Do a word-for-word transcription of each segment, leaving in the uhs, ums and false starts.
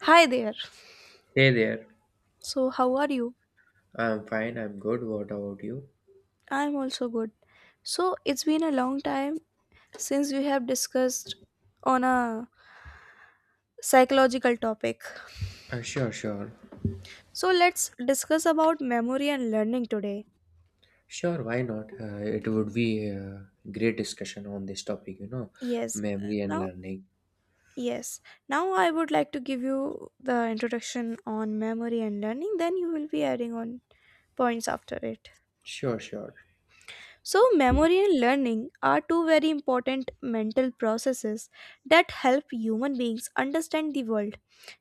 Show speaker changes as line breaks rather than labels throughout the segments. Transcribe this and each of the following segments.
Hi there.
Hey there.
So, how are you?
I'm fine. I'm good. What about you?
I'm also good. So, it's been a long time since we have discussed on a psychological topic.
Uh, sure, sure.
So, let's discuss about memory and learning today.
Sure, why not? Uh, it would be a great discussion on this topic, you know,
Yes.
memory and
Now,
learning.
yes. Now I would like to give you the introduction on memory and learning then you will be adding on points after it.
Sure, sure.
So, memory and learning are two very important mental processes that help human beings understand the world,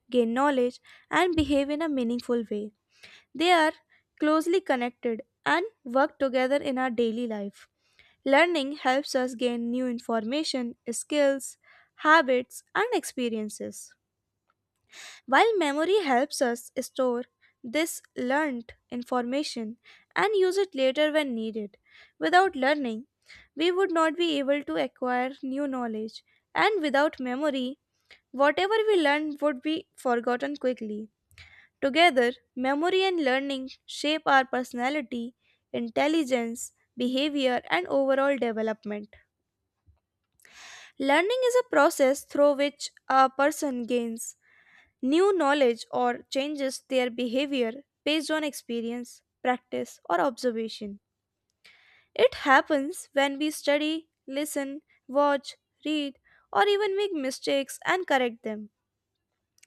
gain knowledge, and behave in a meaningful way. They are closely connected and work together in our daily life. Learning helps us gain new information, skills, habits, and experiences, while memory helps us store this learned information and use it later when needed. Without learning, we would not be able to acquire new knowledge. And without memory, whatever we learn would be forgotten quickly. Together, memory and learning shape our personality, intelligence, behavior, and overall development. Learning is a process through which a person gains new knowledge or changes their behavior based on experience, practice, or observation. It happens when we study, listen, watch, read, or even make mistakes and correct them.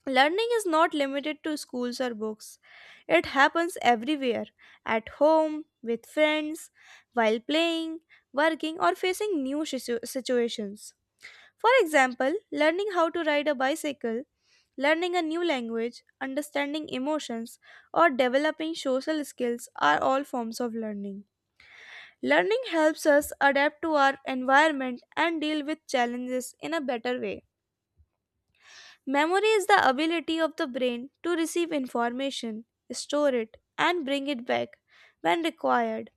Learning is not limited to schools or books. It happens everywhere at home, with friends, while playing, working, or facing new situ- situations. For example, learning how to ride a bicycle, learning a new language, understanding emotions, or developing social skills are all forms of learning. Learning helps us adapt to our environment and deal with challenges in a better way. Memory is the ability of the brain to receive information, store it, and bring it back when required.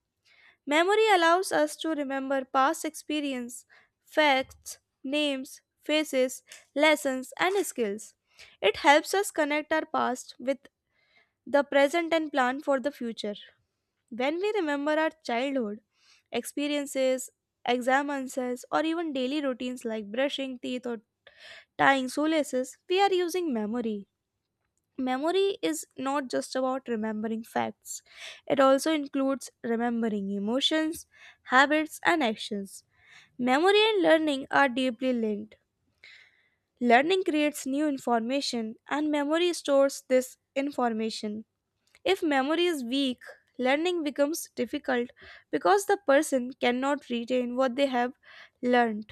Memory allows us to remember past experience, facts, names, faces, lessons, and skills. It helps us connect our past with the present and plan for the future. When we remember our childhood, experiences, exam answers, or even daily routines like brushing teeth or tying shoelaces, we are using memory. Memory is not just about remembering facts, it also includes remembering emotions, habits, and actions. Memory and learning are deeply linked. Learning creates new information, and memory stores this information. If memory is weak, learning becomes difficult because the person cannot retain what they have learned.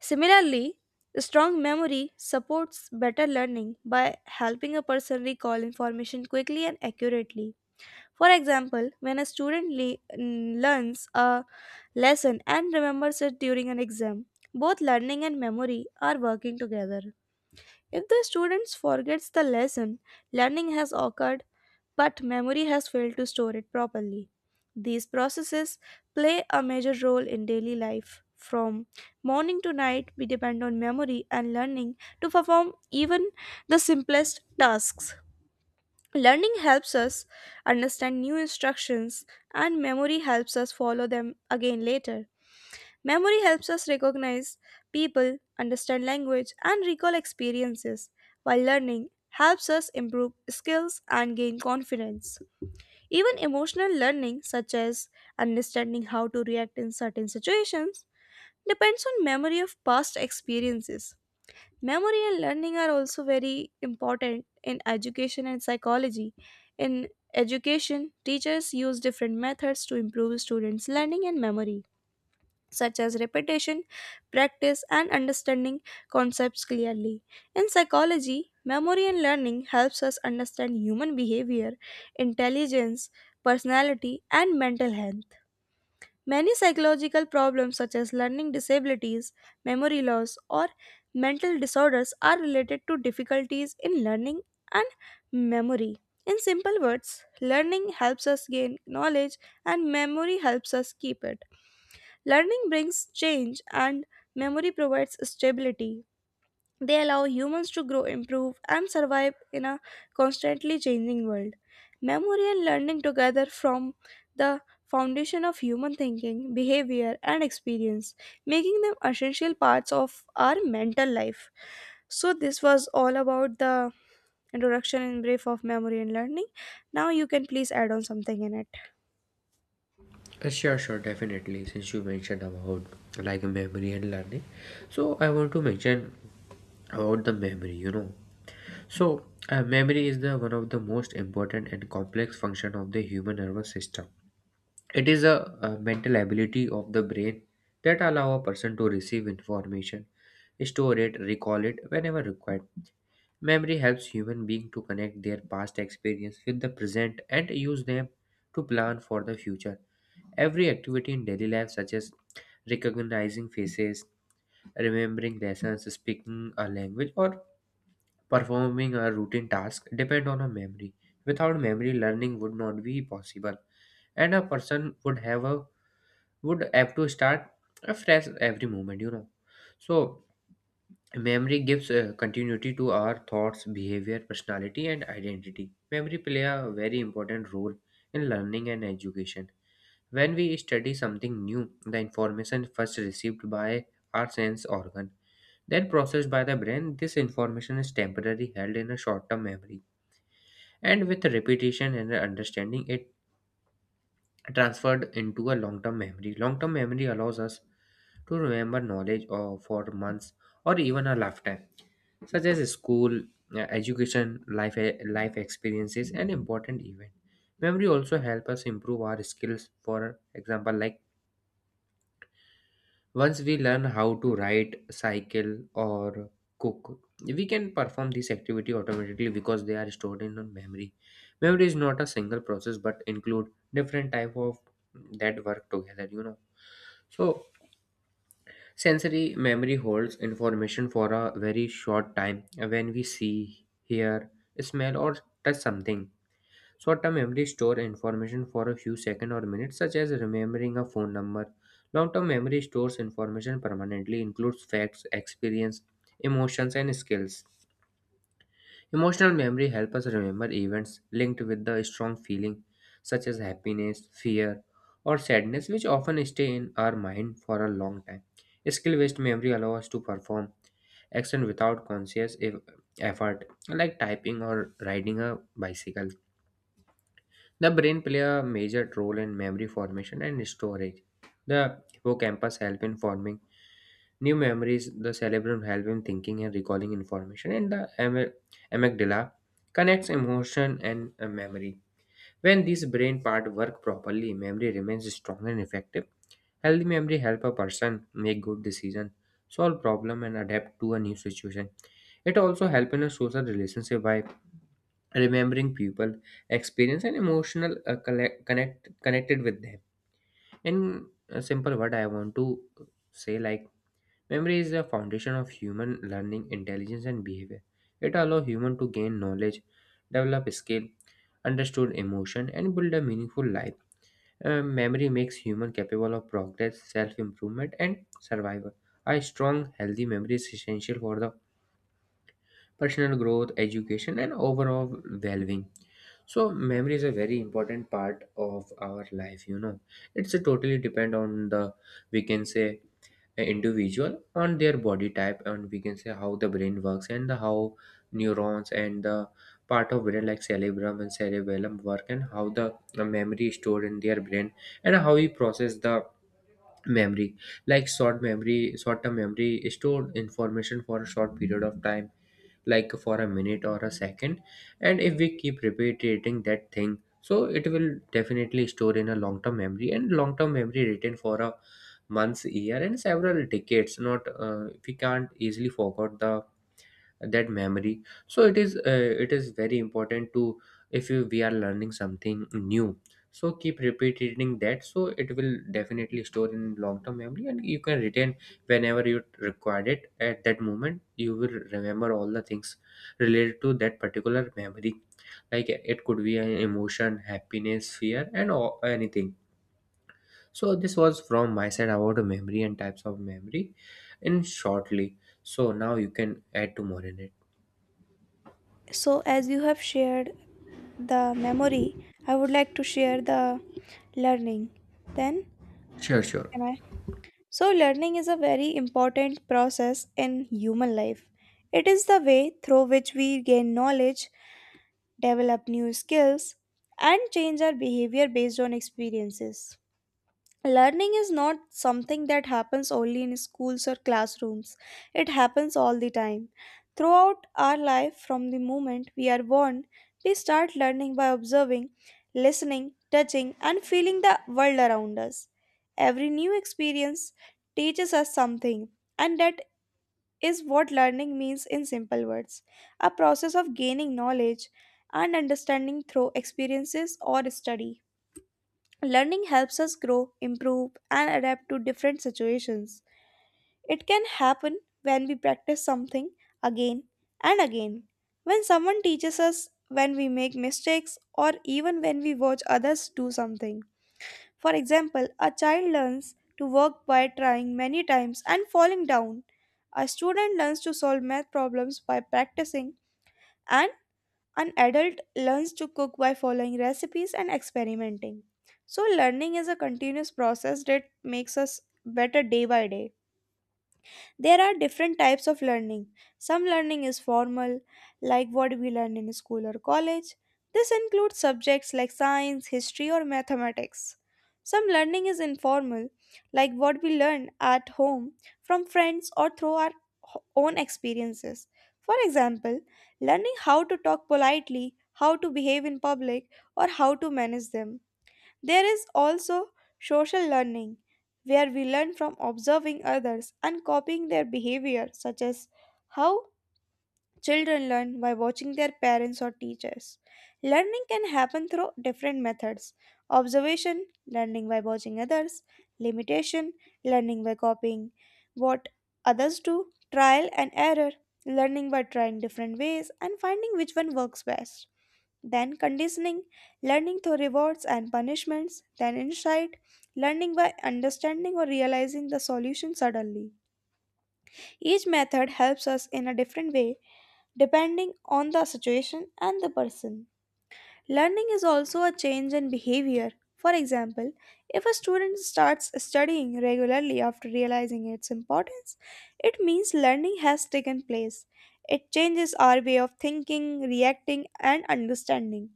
Similarly, strong memory supports better learning by helping a person recall information quickly and accurately. For example, when a student le- n- learns a lesson and remembers it during an exam, both learning and memory are working together. If the student forgets the lesson, learning has occurred, but memory has failed to store it properly. These processes play a major role in daily life. From morning to night, we depend on memory and learning to perform even the simplest tasks. Learning helps us understand new instructions, and memory helps us follow them again later. Memory helps us recognize people, understand language, and recall experiences, while learning helps us improve skills and gain confidence. Even emotional learning, such as understanding how to react in certain situations, depends on memory of past experiences. Memory and learning are also very important in education and psychology. In education, teachers use different methods to improve students' learning and memory such as repetition, practice, and understanding concepts clearly. In psychology, memory and learning helps us understand human behavior, intelligence, personality, and mental health. Many psychological problems such as learning disabilities, memory loss, or mental disorders are related to difficulties in learning and memory. In simple words, learning helps us gain knowledge and memory helps us keep it. Learning brings change, and memory provides stability. They allow humans to grow, improve, and survive in a constantly changing world. Memory and learning together form the foundation of human thinking, behavior, and experience, making them essential parts of our mental life. So, this was all about the introduction in brief of memory and learning. Now, you can please add on something in it.
Uh, sure, sure, definitely. Since you mentioned about like memory and learning, so I want to mention about the memory, you know. So, uh, Memory is the one of the most important and complex function of the human nervous system. It is a, a mental ability of the brain that allow a person to receive information, store it, recall it whenever required. Memory helps human being to connect their past experience with the present and use them to plan for the future. Every activity in daily life such as recognizing faces, remembering lessons, speaking a language or performing a routine task depend on a memory. Without memory, learning would not be possible, and a person would have a would have to start afresh every moment. You know, so memory gives uh, continuity to our thoughts, behavior, personality, and identity. Memory play a very important role in learning and education. When we study something new, the information first received by our sense organ then processed by the brain, this information is temporarily held in a short term memory. And with repetition and understanding, it transferred into a long term memory. Long term memory allows us to remember knowledge or for months or even a lifetime, such as school, uh, education, life, life experiences, and important events. Memory also help us improve our skills, for example, like once we learn how to write, cycle, or cook, we can perform this activity automatically because they are stored in our memory. Memory is not a single process but include different type of that work together, you know. So sensory memory holds information for a very short time when we see, hear, smell or touch something. Short-term memory store information for a few seconds or minutes, such as remembering a phone number. Long-term memory stores information permanently, includes facts, experience, emotions, and skills. Emotional memory helps us remember events linked with the strong feeling, such as happiness, fear, or sadness, which often stay in our mind for a long time. Skill-based memory allows us to perform action without conscious eff- effort, like typing or riding a bicycle. The brain play a major role in memory formation and storage. The hippocampus help in forming new memories, the cerebrum help in thinking and recalling information, and the am- amygdala connects emotion and uh, memory. When these brain part work properly, memory remains strong and effective. Healthy memory help a person make good decision, solve problem and adapt to a new situation. It also help in a social relationship by remembering people experience and emotional uh, collect, connect connected with them. In a simple word, I want to say like memory is the foundation of human learning, intelligence and behavior. It allows human to gain knowledge, develop skill, understood emotion and build a meaningful life. Uh, memory makes human capable of progress, self-improvement, and survival. A strong, healthy memory is essential for the personal growth, education, and overall well-being. So memory is a very important part of our life. You know, it's a totally depend on the, we can say, a individual on their body type, and we can say how the brain works, and the how neurons and the part of brain like cerebrum and cerebellum work, and how the the memory is stored in their brain, and how we process the memory. Like short memory, short term memory is stored information for a short period of time, like for a minute or a second. And if we keep repeating that thing, so it will definitely store in a long term memory. And long term memory written for a months, year and several decades. Not uh, We can't easily forget the that memory. So it is uh, it is very important to if you, we are learning something new, so keep repeating that, so it will definitely store in long term memory, and you can retain whenever you require it. At that moment, you will remember all the things related to that particular memory, like it could be an emotion, happiness, fear and all, anything. So this was from my side about memory and types of memory, in shortly. So now you can add to more in it.
So as you have shared the memory, I would like to share the learning. Then,
Sure, sure.
can I? So learning is a very important process in human life. It is the way through which we gain knowledge, develop new skills, and change our behavior based on experiences. Learning is not something that happens only in schools or classrooms. It happens all the time. Throughout our life, from the moment we are born, we start learning by observing, listening, touching, and feeling the world around us. Every new experience teaches us something, and that is what learning means in simple words, a process of gaining knowledge and understanding through experiences or study. Learning helps us grow, improve, and adapt to different situations. It can happen when we practice something again and again, when someone teaches us, when we make mistakes, or even when we watch others do something. For example, a child learns to work by trying many times and falling down. A student learns to solve math problems by practicing, an adult learns to cook by following recipes and experimenting. So, learning is a continuous process that makes us better day by day. There are different types of learning. Some learning is formal, like what we learn in school or college. This includes subjects like science, history, or mathematics. Some learning is informal, like what we learn at home from friends or through our h- own experiences. For example, learning how to talk politely, how to behave in public, or how to manage them. There is also social learning, where we learn from observing others and copying their behavior, such as how children learn by watching their parents or teachers. Learning can happen through different methods, observation, learning by watching others, limitation, learning by copying what others do, trial and error, learning by trying different ways and finding which one works best. Then conditioning, learning through rewards and punishments, then insight, learning by understanding or realizing the solution suddenly. Each method helps us in a different way depending on the situation and the person. Learning is also a change in behavior. For example, if a student starts studying regularly after realizing its importance, it means learning has taken place. It changes our way of thinking, reacting, and understanding.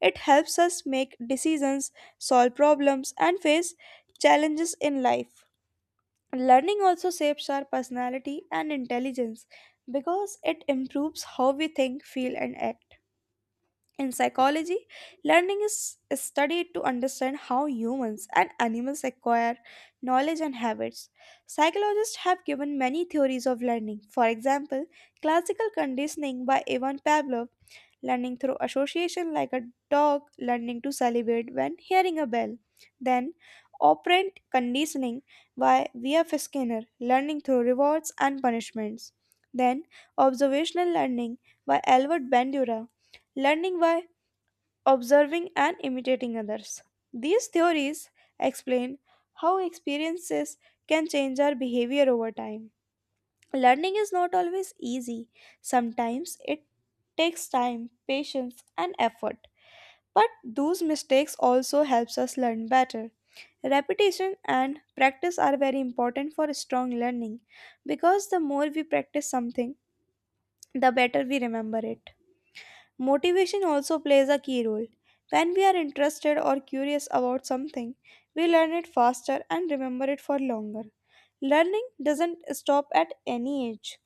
It helps us make decisions, solve problems, and face challenges in life. Learning also shapes our personality and intelligence because it improves how we think, feel, and act. In psychology, learning is studied to understand how humans and animals acquire knowledge and habits. Psychologists have given many theories of learning. For example, classical conditioning by Ivan Pavlov, learning through association like a dog learning to salivate when hearing a bell. Then, operant conditioning by V F. Skinner, learning through rewards and punishments. Then, observational learning by Albert Bandura, learning by observing and imitating others. These theories explain how experiences can change our behavior over time. Learning is not always easy. Sometimes it takes time, patience, and effort. But those mistakes also helps us learn better. Repetition and practice are very important for strong learning because the more we practice something, the better we remember it. Motivation also plays a key role. When we are interested or curious about something, we learn it faster and remember it for longer. Learning doesn't stop at any age.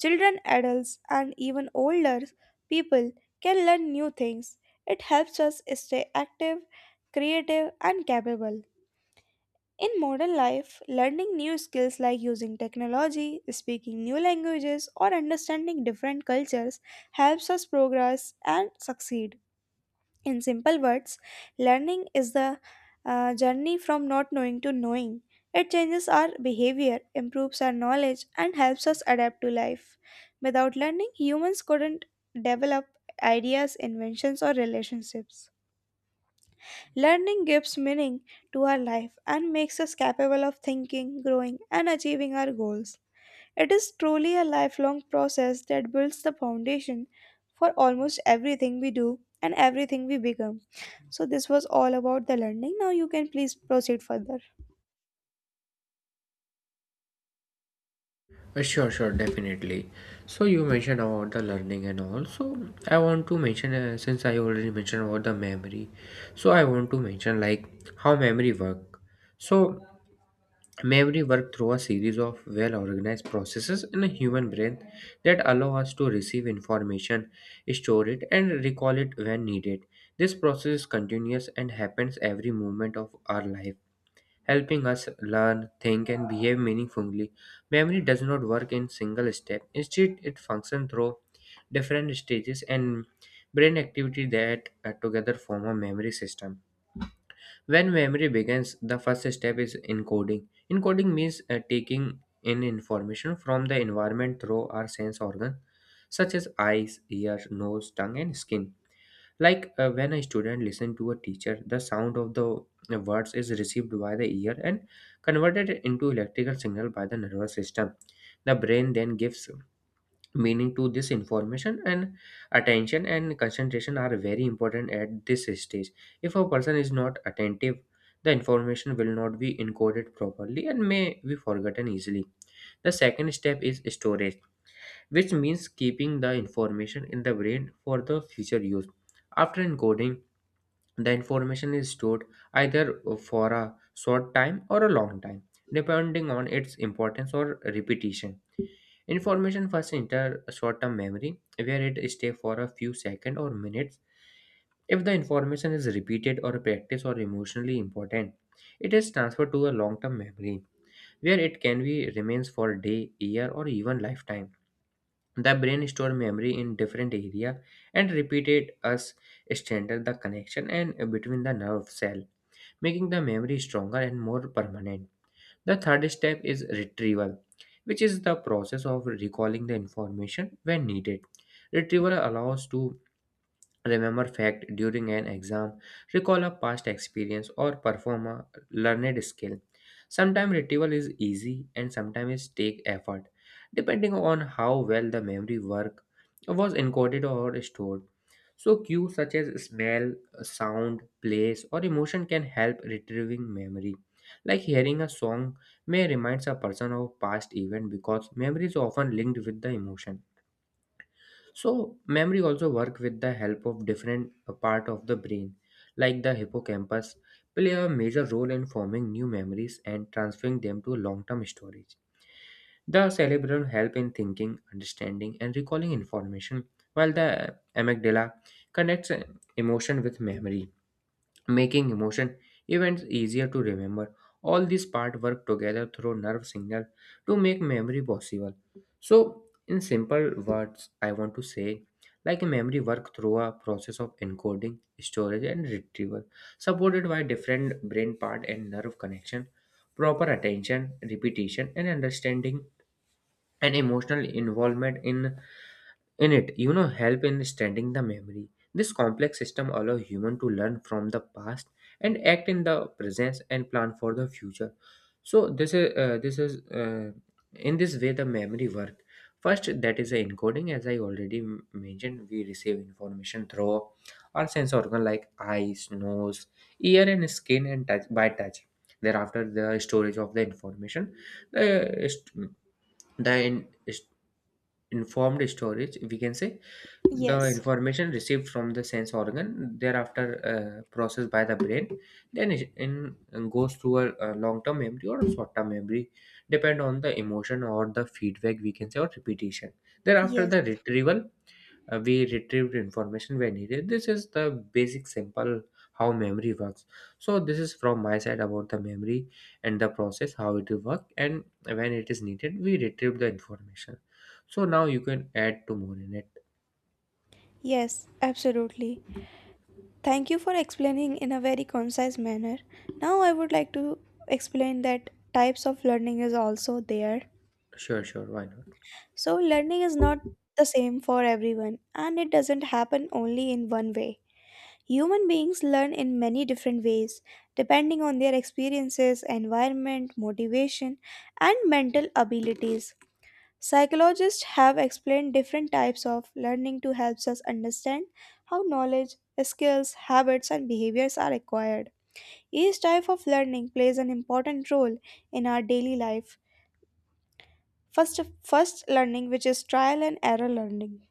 Children, adults, and even older people can learn new things. It helps us stay active, creative, and capable. In modern life, learning new skills like using technology, speaking new languages, or understanding different cultures helps us progress and succeed. In simple words, learning is the uh, journey from not knowing to knowing. It changes our behavior, improves our knowledge, and helps us adapt to life. Without learning, humans couldn't develop ideas, inventions, or relationships. Learning gives meaning to our life and makes us capable of thinking, growing, and achieving our goals. It is truly a lifelong process that builds the foundation for almost everything we do and everything we become. So, this was all about the learning. Now, you can please proceed further.
Uh, Sure, sure, definitely. So you mentioned about the learning and all. So I want to mention, uh, since I already mentioned about the memory, so I want to mention like how memory work. So memory work through a series of well-organized processes in a human brain that allow us to receive information, store it, and recall it when needed. This process is continuous and happens every moment of our life, helping us learn, think, and behave meaningfully. Memory does not work in single step. Instead, it functions through different stages and brain activity that uh, together form a memory system. When memory begins, the first step is encoding. Encoding means uh, taking in information from the environment through our sense organs, such as eyes, ears, nose, tongue, and skin. Like uh, when a student listens to a teacher, the sound of the uh, words is received by the ear and converted into electrical signal by the nervous system. The brain then gives meaning to this information, and attention and concentration are very important at this stage. If a person is not attentive, the information will not be encoded properly and may be forgotten easily. The second step is storage, which means keeping the information in the brain for the future use. After encoding, the information is stored either for a short time or a long time, depending on its importance or repetition. Information first enter short term memory, where it stays for a few seconds or minutes. If the information is repeated or practiced or emotionally important, it is transferred to a long term memory, where it can be remains for day, year, or even lifetime. The brain store memory in different area, and repeated us strengthen the connection and between the nerve cell, making the memory stronger and more permanent. The third step is retrieval, which is the process of recalling the information when needed. Retrieval allows to remember fact during an exam, recall a past experience, or perform a learned skill. Sometimes retrieval is easy and sometimes it take effort, depending on how well the memory work was encoded or stored. So cues such as smell, sound, place, or emotion can help retrieving memory. Like hearing a song may remind a person of past event because memory is often linked with the emotion. So memory also work with the help of different uh, part of the brain, like the hippocampus, play a major role in forming new memories and transferring them to long-term storage. The cerebellum help in thinking, understanding, and recalling information, while the uh, amygdala connects uh, emotion with memory, making emotion events easier to remember. All these parts work together through nerve signal to make memory possible. So, in simple words, I want to say like a memory work through a process of encoding, storage, and retrieval, supported by different brain part and nerve connection, proper attention, repetition, and understanding, and emotional involvement in in it. You know, help in standing the memory. This complex system allows human to learn from the past and act in the present and plan for the future. So this is uh, this is uh, in this way the memory work. First, that is the encoding, as I already m- mentioned, we receive information through our sense organ like eyes, nose, ear and skin and touch by touch. Thereafter the storage of the information, the, uh, st- the in- informed storage, we can say, the
Yes,
information received from the sense organ. Thereafter uh, processed by the brain, then it in, uh, goes to a, a long-term memory or a short-term memory, depend on the emotion or the feedback, we can say, or repetition. Thereafter
yes,
the retrieval, uh, we retrieved information when needed. This is the basic simple how memory works. So this is from my side about the memory and the process how it will work, and when it is needed, we retrieve the information. So now you can add two more in it.
yes, absolutely. Thank you for explaining in a very concise manner. Now, I would like to explain that types of learning is also there.
Sure, sure, why not?
So, learning is not the same for everyone and it doesn't happen only in one way. Human beings learn in many different ways, depending on their experiences, environment, motivation, and mental abilities. Psychologists have explained different types of learning to help us understand how knowledge, skills, habits, and behaviors are acquired. Each type of learning plays an important role in our daily life. First, first learning, which is trial and error learning.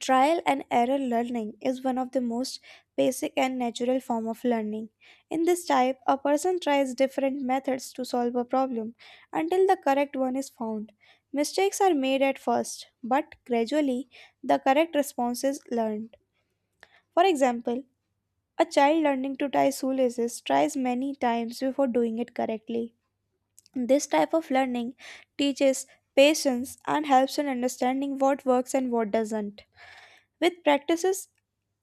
Trial and error learning is one of the most basic and natural form of learning. In this type, a person tries different methods to solve a problem until the correct one is found. Mistakes are made at first, but gradually the correct response is learned. For example, a child learning to tie shoelaces tries many times before doing it correctly. This type of learning teaches patience and helps in understanding what works and what doesn't. With practices,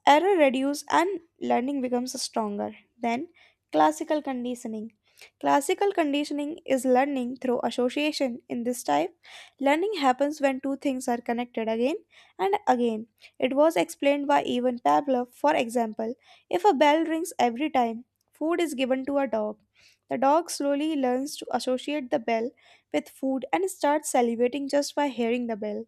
error reduce and learning becomes stronger. Then, classical conditioning. Classical conditioning is learning through association. In this type, learning happens when two things are connected again and again. It was explained by Ivan Pavlov. For example, if a bell rings every time food is given to a dog, the dog slowly learns to associate the bell with food and starts salivating just by hearing the bell.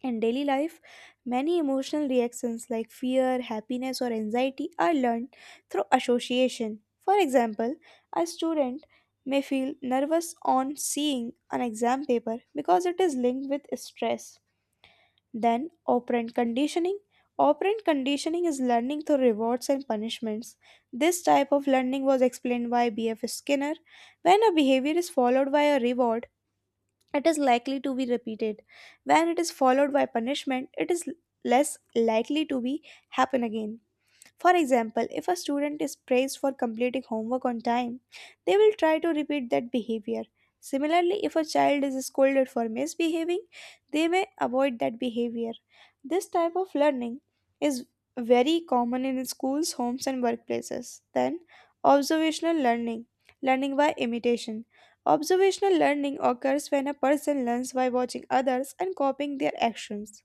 In daily life, many emotional reactions like fear, happiness, or anxiety are learned through association. For example, a student may feel nervous on seeing an exam paper because it is linked with stress. Then, operant conditioning. Operant conditioning is learning through rewards and punishments. This type of learning was explained by B F. Skinner. When a behavior is followed by a reward, it is likely to be repeated. When it is followed by punishment, it is less likely to be happen again. For example, if a student is praised for completing homework on time, they will try to repeat that behavior. Similarly, if a child is scolded for misbehaving, they may avoid that behavior. This type of learning is very common in schools, homes, and workplaces. Then, observational learning, learning by imitation. Observational learning occurs when a person learns by watching others and copying their actions.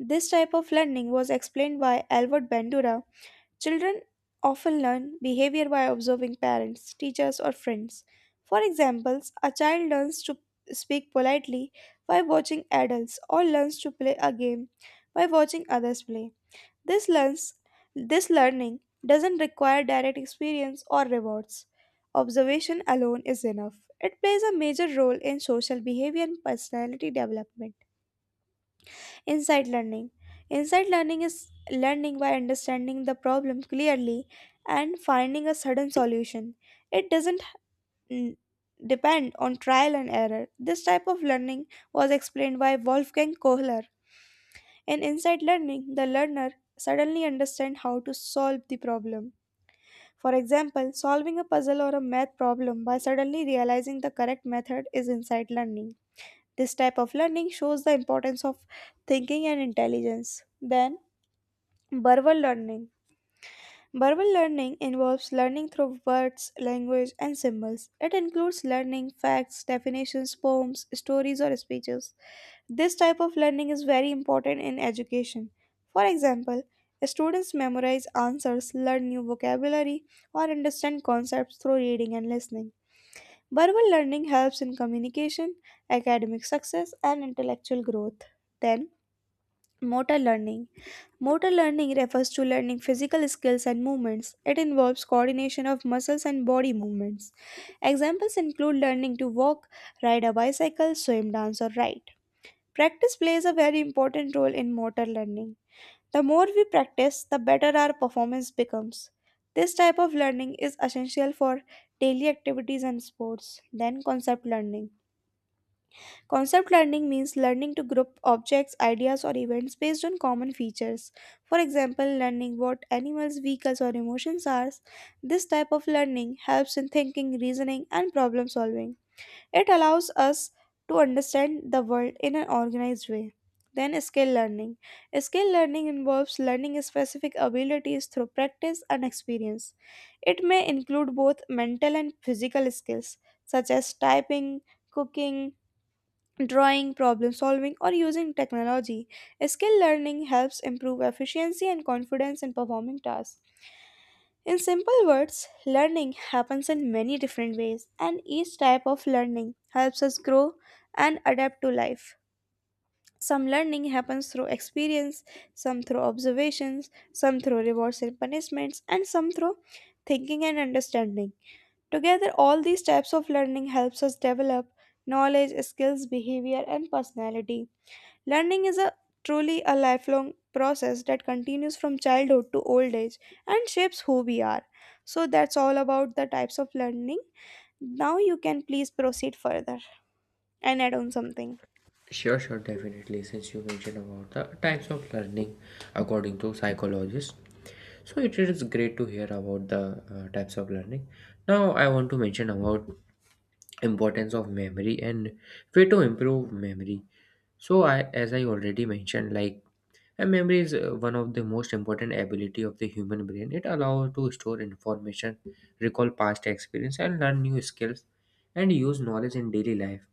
This type of learning was explained by Albert Bandura. Children often learn behavior by observing parents, teachers, or friends. For examples, a child learns to speak politely by watching adults or learns to play a game by watching others play. This learns this learning doesn't require direct experience or rewards. Observation alone is enough. It plays a major role in social behavior and personality development. Insight learning. Insight learning is learning by understanding the problem clearly and finding a sudden solution. It doesn't mm, depend on trial and error. This type of learning was explained by Wolfgang Kohler. In insight learning, the learner suddenly understands how to solve the problem. For example, solving a puzzle or a math problem by suddenly realizing the correct method is insight learning. This type of learning shows the importance of thinking and intelligence. Then, verbal learning. Verbal learning involves learning through words, language, and symbols. It includes learning facts, definitions, poems, stories, or speeches. This type of learning is very important in education. For example, students memorize answers, learn new vocabulary, or understand concepts through reading and listening. Verbal learning helps in communication, academic success, and intellectual growth. Then, motor learning. Motor learning refers to learning physical skills and movements. It involves coordination of muscles and body movements. Examples include learning to walk, ride a bicycle, swim, dance, or ride. Practice plays a very important role in motor learning. The more we practice, the better our performance becomes. This type of learning is essential for daily activities and sports. Then, concept learning. Concept learning means learning to group objects, ideas, or events based on common features. For example, learning what animals, vehicles, or emotions are. This type of learning helps in thinking, reasoning, and problem solving. It allows us to understand the world in an organized way. Then, skill learning. Skill learning involves learning specific abilities through practice and experience. It may include both mental and physical skills, such as typing, cooking, drawing, problem solving, or using technology. Skill learning helps improve efficiency and confidence in performing tasks. In simple words, learning happens in many different ways, and each type of learning helps us grow and adapt to life. Some learning happens through experience, some through observations, some through rewards and punishments, and some through thinking and understanding. Together, all these types of learning helps us develop knowledge, skills, behavior, and personality. Learning is a truly a lifelong process that continues from childhood to old age and shapes who we are. So that's all about the types of learning. Now you can please proceed further and add on something.
Sure, sure, definitely. Since you mentioned about the types of learning according to psychologists, so it is great to hear about the uh, types of learning. Now I want to mention about importance of memory and way to improve memory. So I, as I already mentioned, like a memory is uh, one of the most important ability of the human brain. It allows to store information, recall past experience and learn new skills and use knowledge in daily life.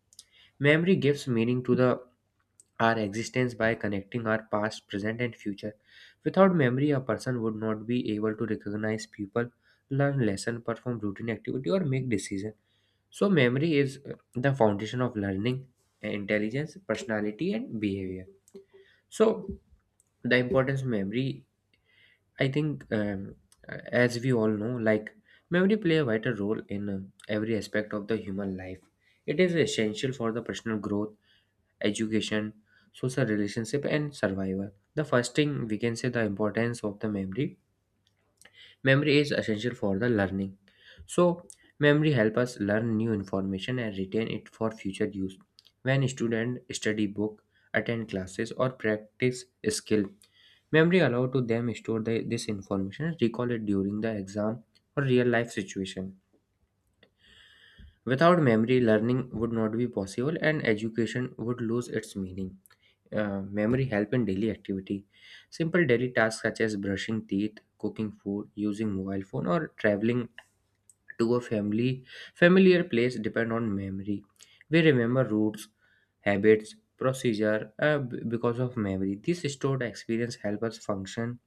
Memory gives meaning to the our existence by connecting our past, present and future. Without memory, a person would not be able to recognize people, learn lesson, perform routine activity, or make decisions. So, memory is uh, the foundation of learning, intelligence, personality, and behavior. So, the importance of memory, I think, um, uh, as we all know, like memory play a vital role in uh, every aspect of the human life. It is essential for the personal growth, education, social relationship, and survival. The first thing we can say the importance of the memory memory is essential for the learning. So memory help us learn new information and retain it for future use. When student study book, attend classes, or practice skill, memory allow to them store the, this information and recall it during the exam or real life situation. Without memory learning would not be possible and education would lose its meaning. Uh, memory help in daily activity. Simple daily tasks such as brushing teeth, cooking food, using mobile phone, or traveling to a family familiar place depend on memory. We remember routes, habits, procedure, uh, b- because of memory this stored experience help us function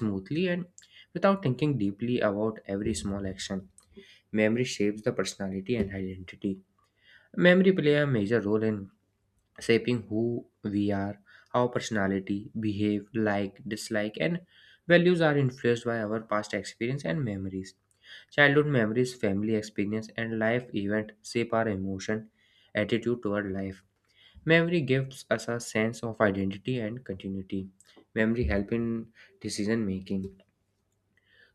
smoothly and without thinking deeply about every small action. Memory shapes the personality and identity. Memory play a major role in shaping who we are, our personality, behave, like, dislike, and values are influenced by our past experience and memories. Childhood memories, family experience, and life events shape our emotion, attitude toward life. Memory gives us a sense of identity and continuity. Memory help in decision making.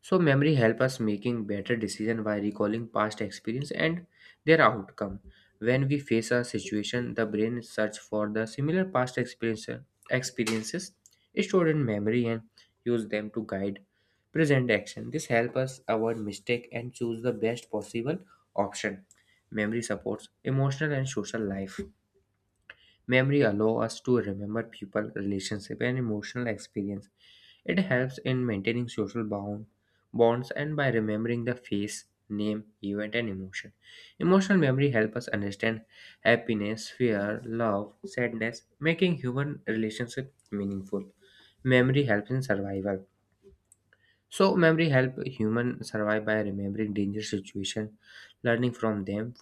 So memory help us making better decision by recalling past experience and their outcome. When we face a situation, the brain search for the similar past experience, experiences stored in memory and use them to guide present action. This help us avoid mistake and choose the best possible option. Memory supports emotional and social life. Memory allows us to remember people, relationship, and emotional experience. It helps in maintaining social bond, bonds and by remembering the face, name, event, and emotion. Emotional memory helps us understand happiness, fear, love, sadness, making human relationship meaningful. Memory helps in survival. So memory help human survive by remembering dangerous situation, learning from them.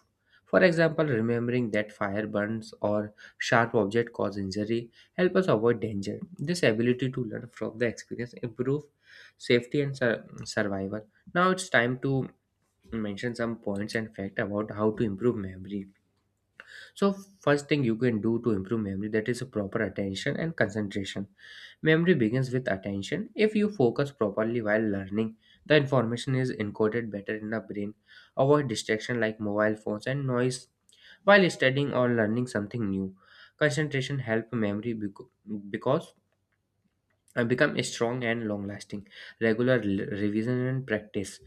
For example, remembering that fire burns or sharp object cause injury help us avoid danger. This ability to learn from the experience improve safety and sur- survival. Now it's time to mention some points and fact about how to improve memory. So first thing you can do to improve memory that is a proper attention and concentration. Memory begins with attention. If you focus properly while learning, the information is encoded better in the brain. Avoid distraction like mobile phones and noise while studying or learning something new. Concentration help memory bec- because uh, become strong and long lasting. Regular l- revision and practice.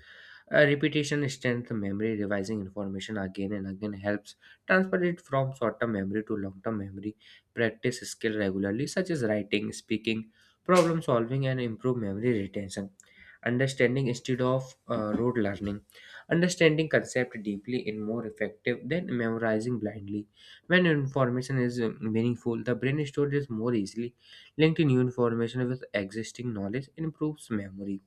Uh, repetition strengthens memory. Revising information again and again helps transfer it from short term memory to long term memory. Practice skill regularly, such as writing, speaking, problem solving, and improve memory retention. Understanding instead of uh, rote learning. Understanding concept deeply is more effective than memorizing blindly. When information is uh, meaningful, the brain stores it more easily. Linking new information with existing knowledge improves memory.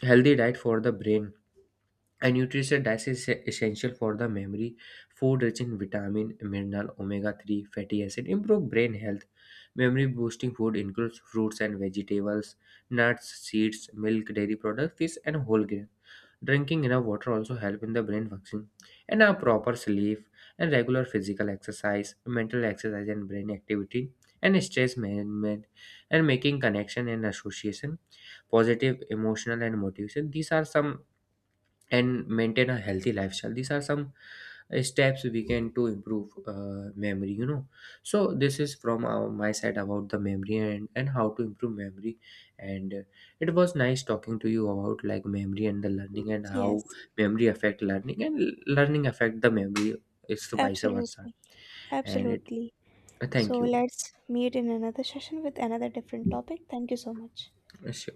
Healthy diet for the brain. And nutrition diet is e-, essential for the memory. Food rich in vitamin, mineral, omega three, fatty acid improve brain health. Memory boosting food includes fruits and vegetables, nuts, seeds, milk, dairy products, fish, and whole grain. Drinking enough water also help in the brain function. And a proper sleep and regular physical exercise, mental exercise and brain activity, and stress management, and making connection and association, positive emotional and motivation. These are some and maintain a healthy lifestyle, these are some uh, steps we can to improve uh, memory, you know. So this is from uh, my side about the memory and and how to improve memory and uh, it was nice talking to you about like memory and the learning and
Yes,
how memory affect learning and l- learning affect the memory. It's vice versa.
absolutely.
And it
Absolutely.
uh, thank
So
you.
let's meet in another session with another different topic. Thank you so much.
Sure.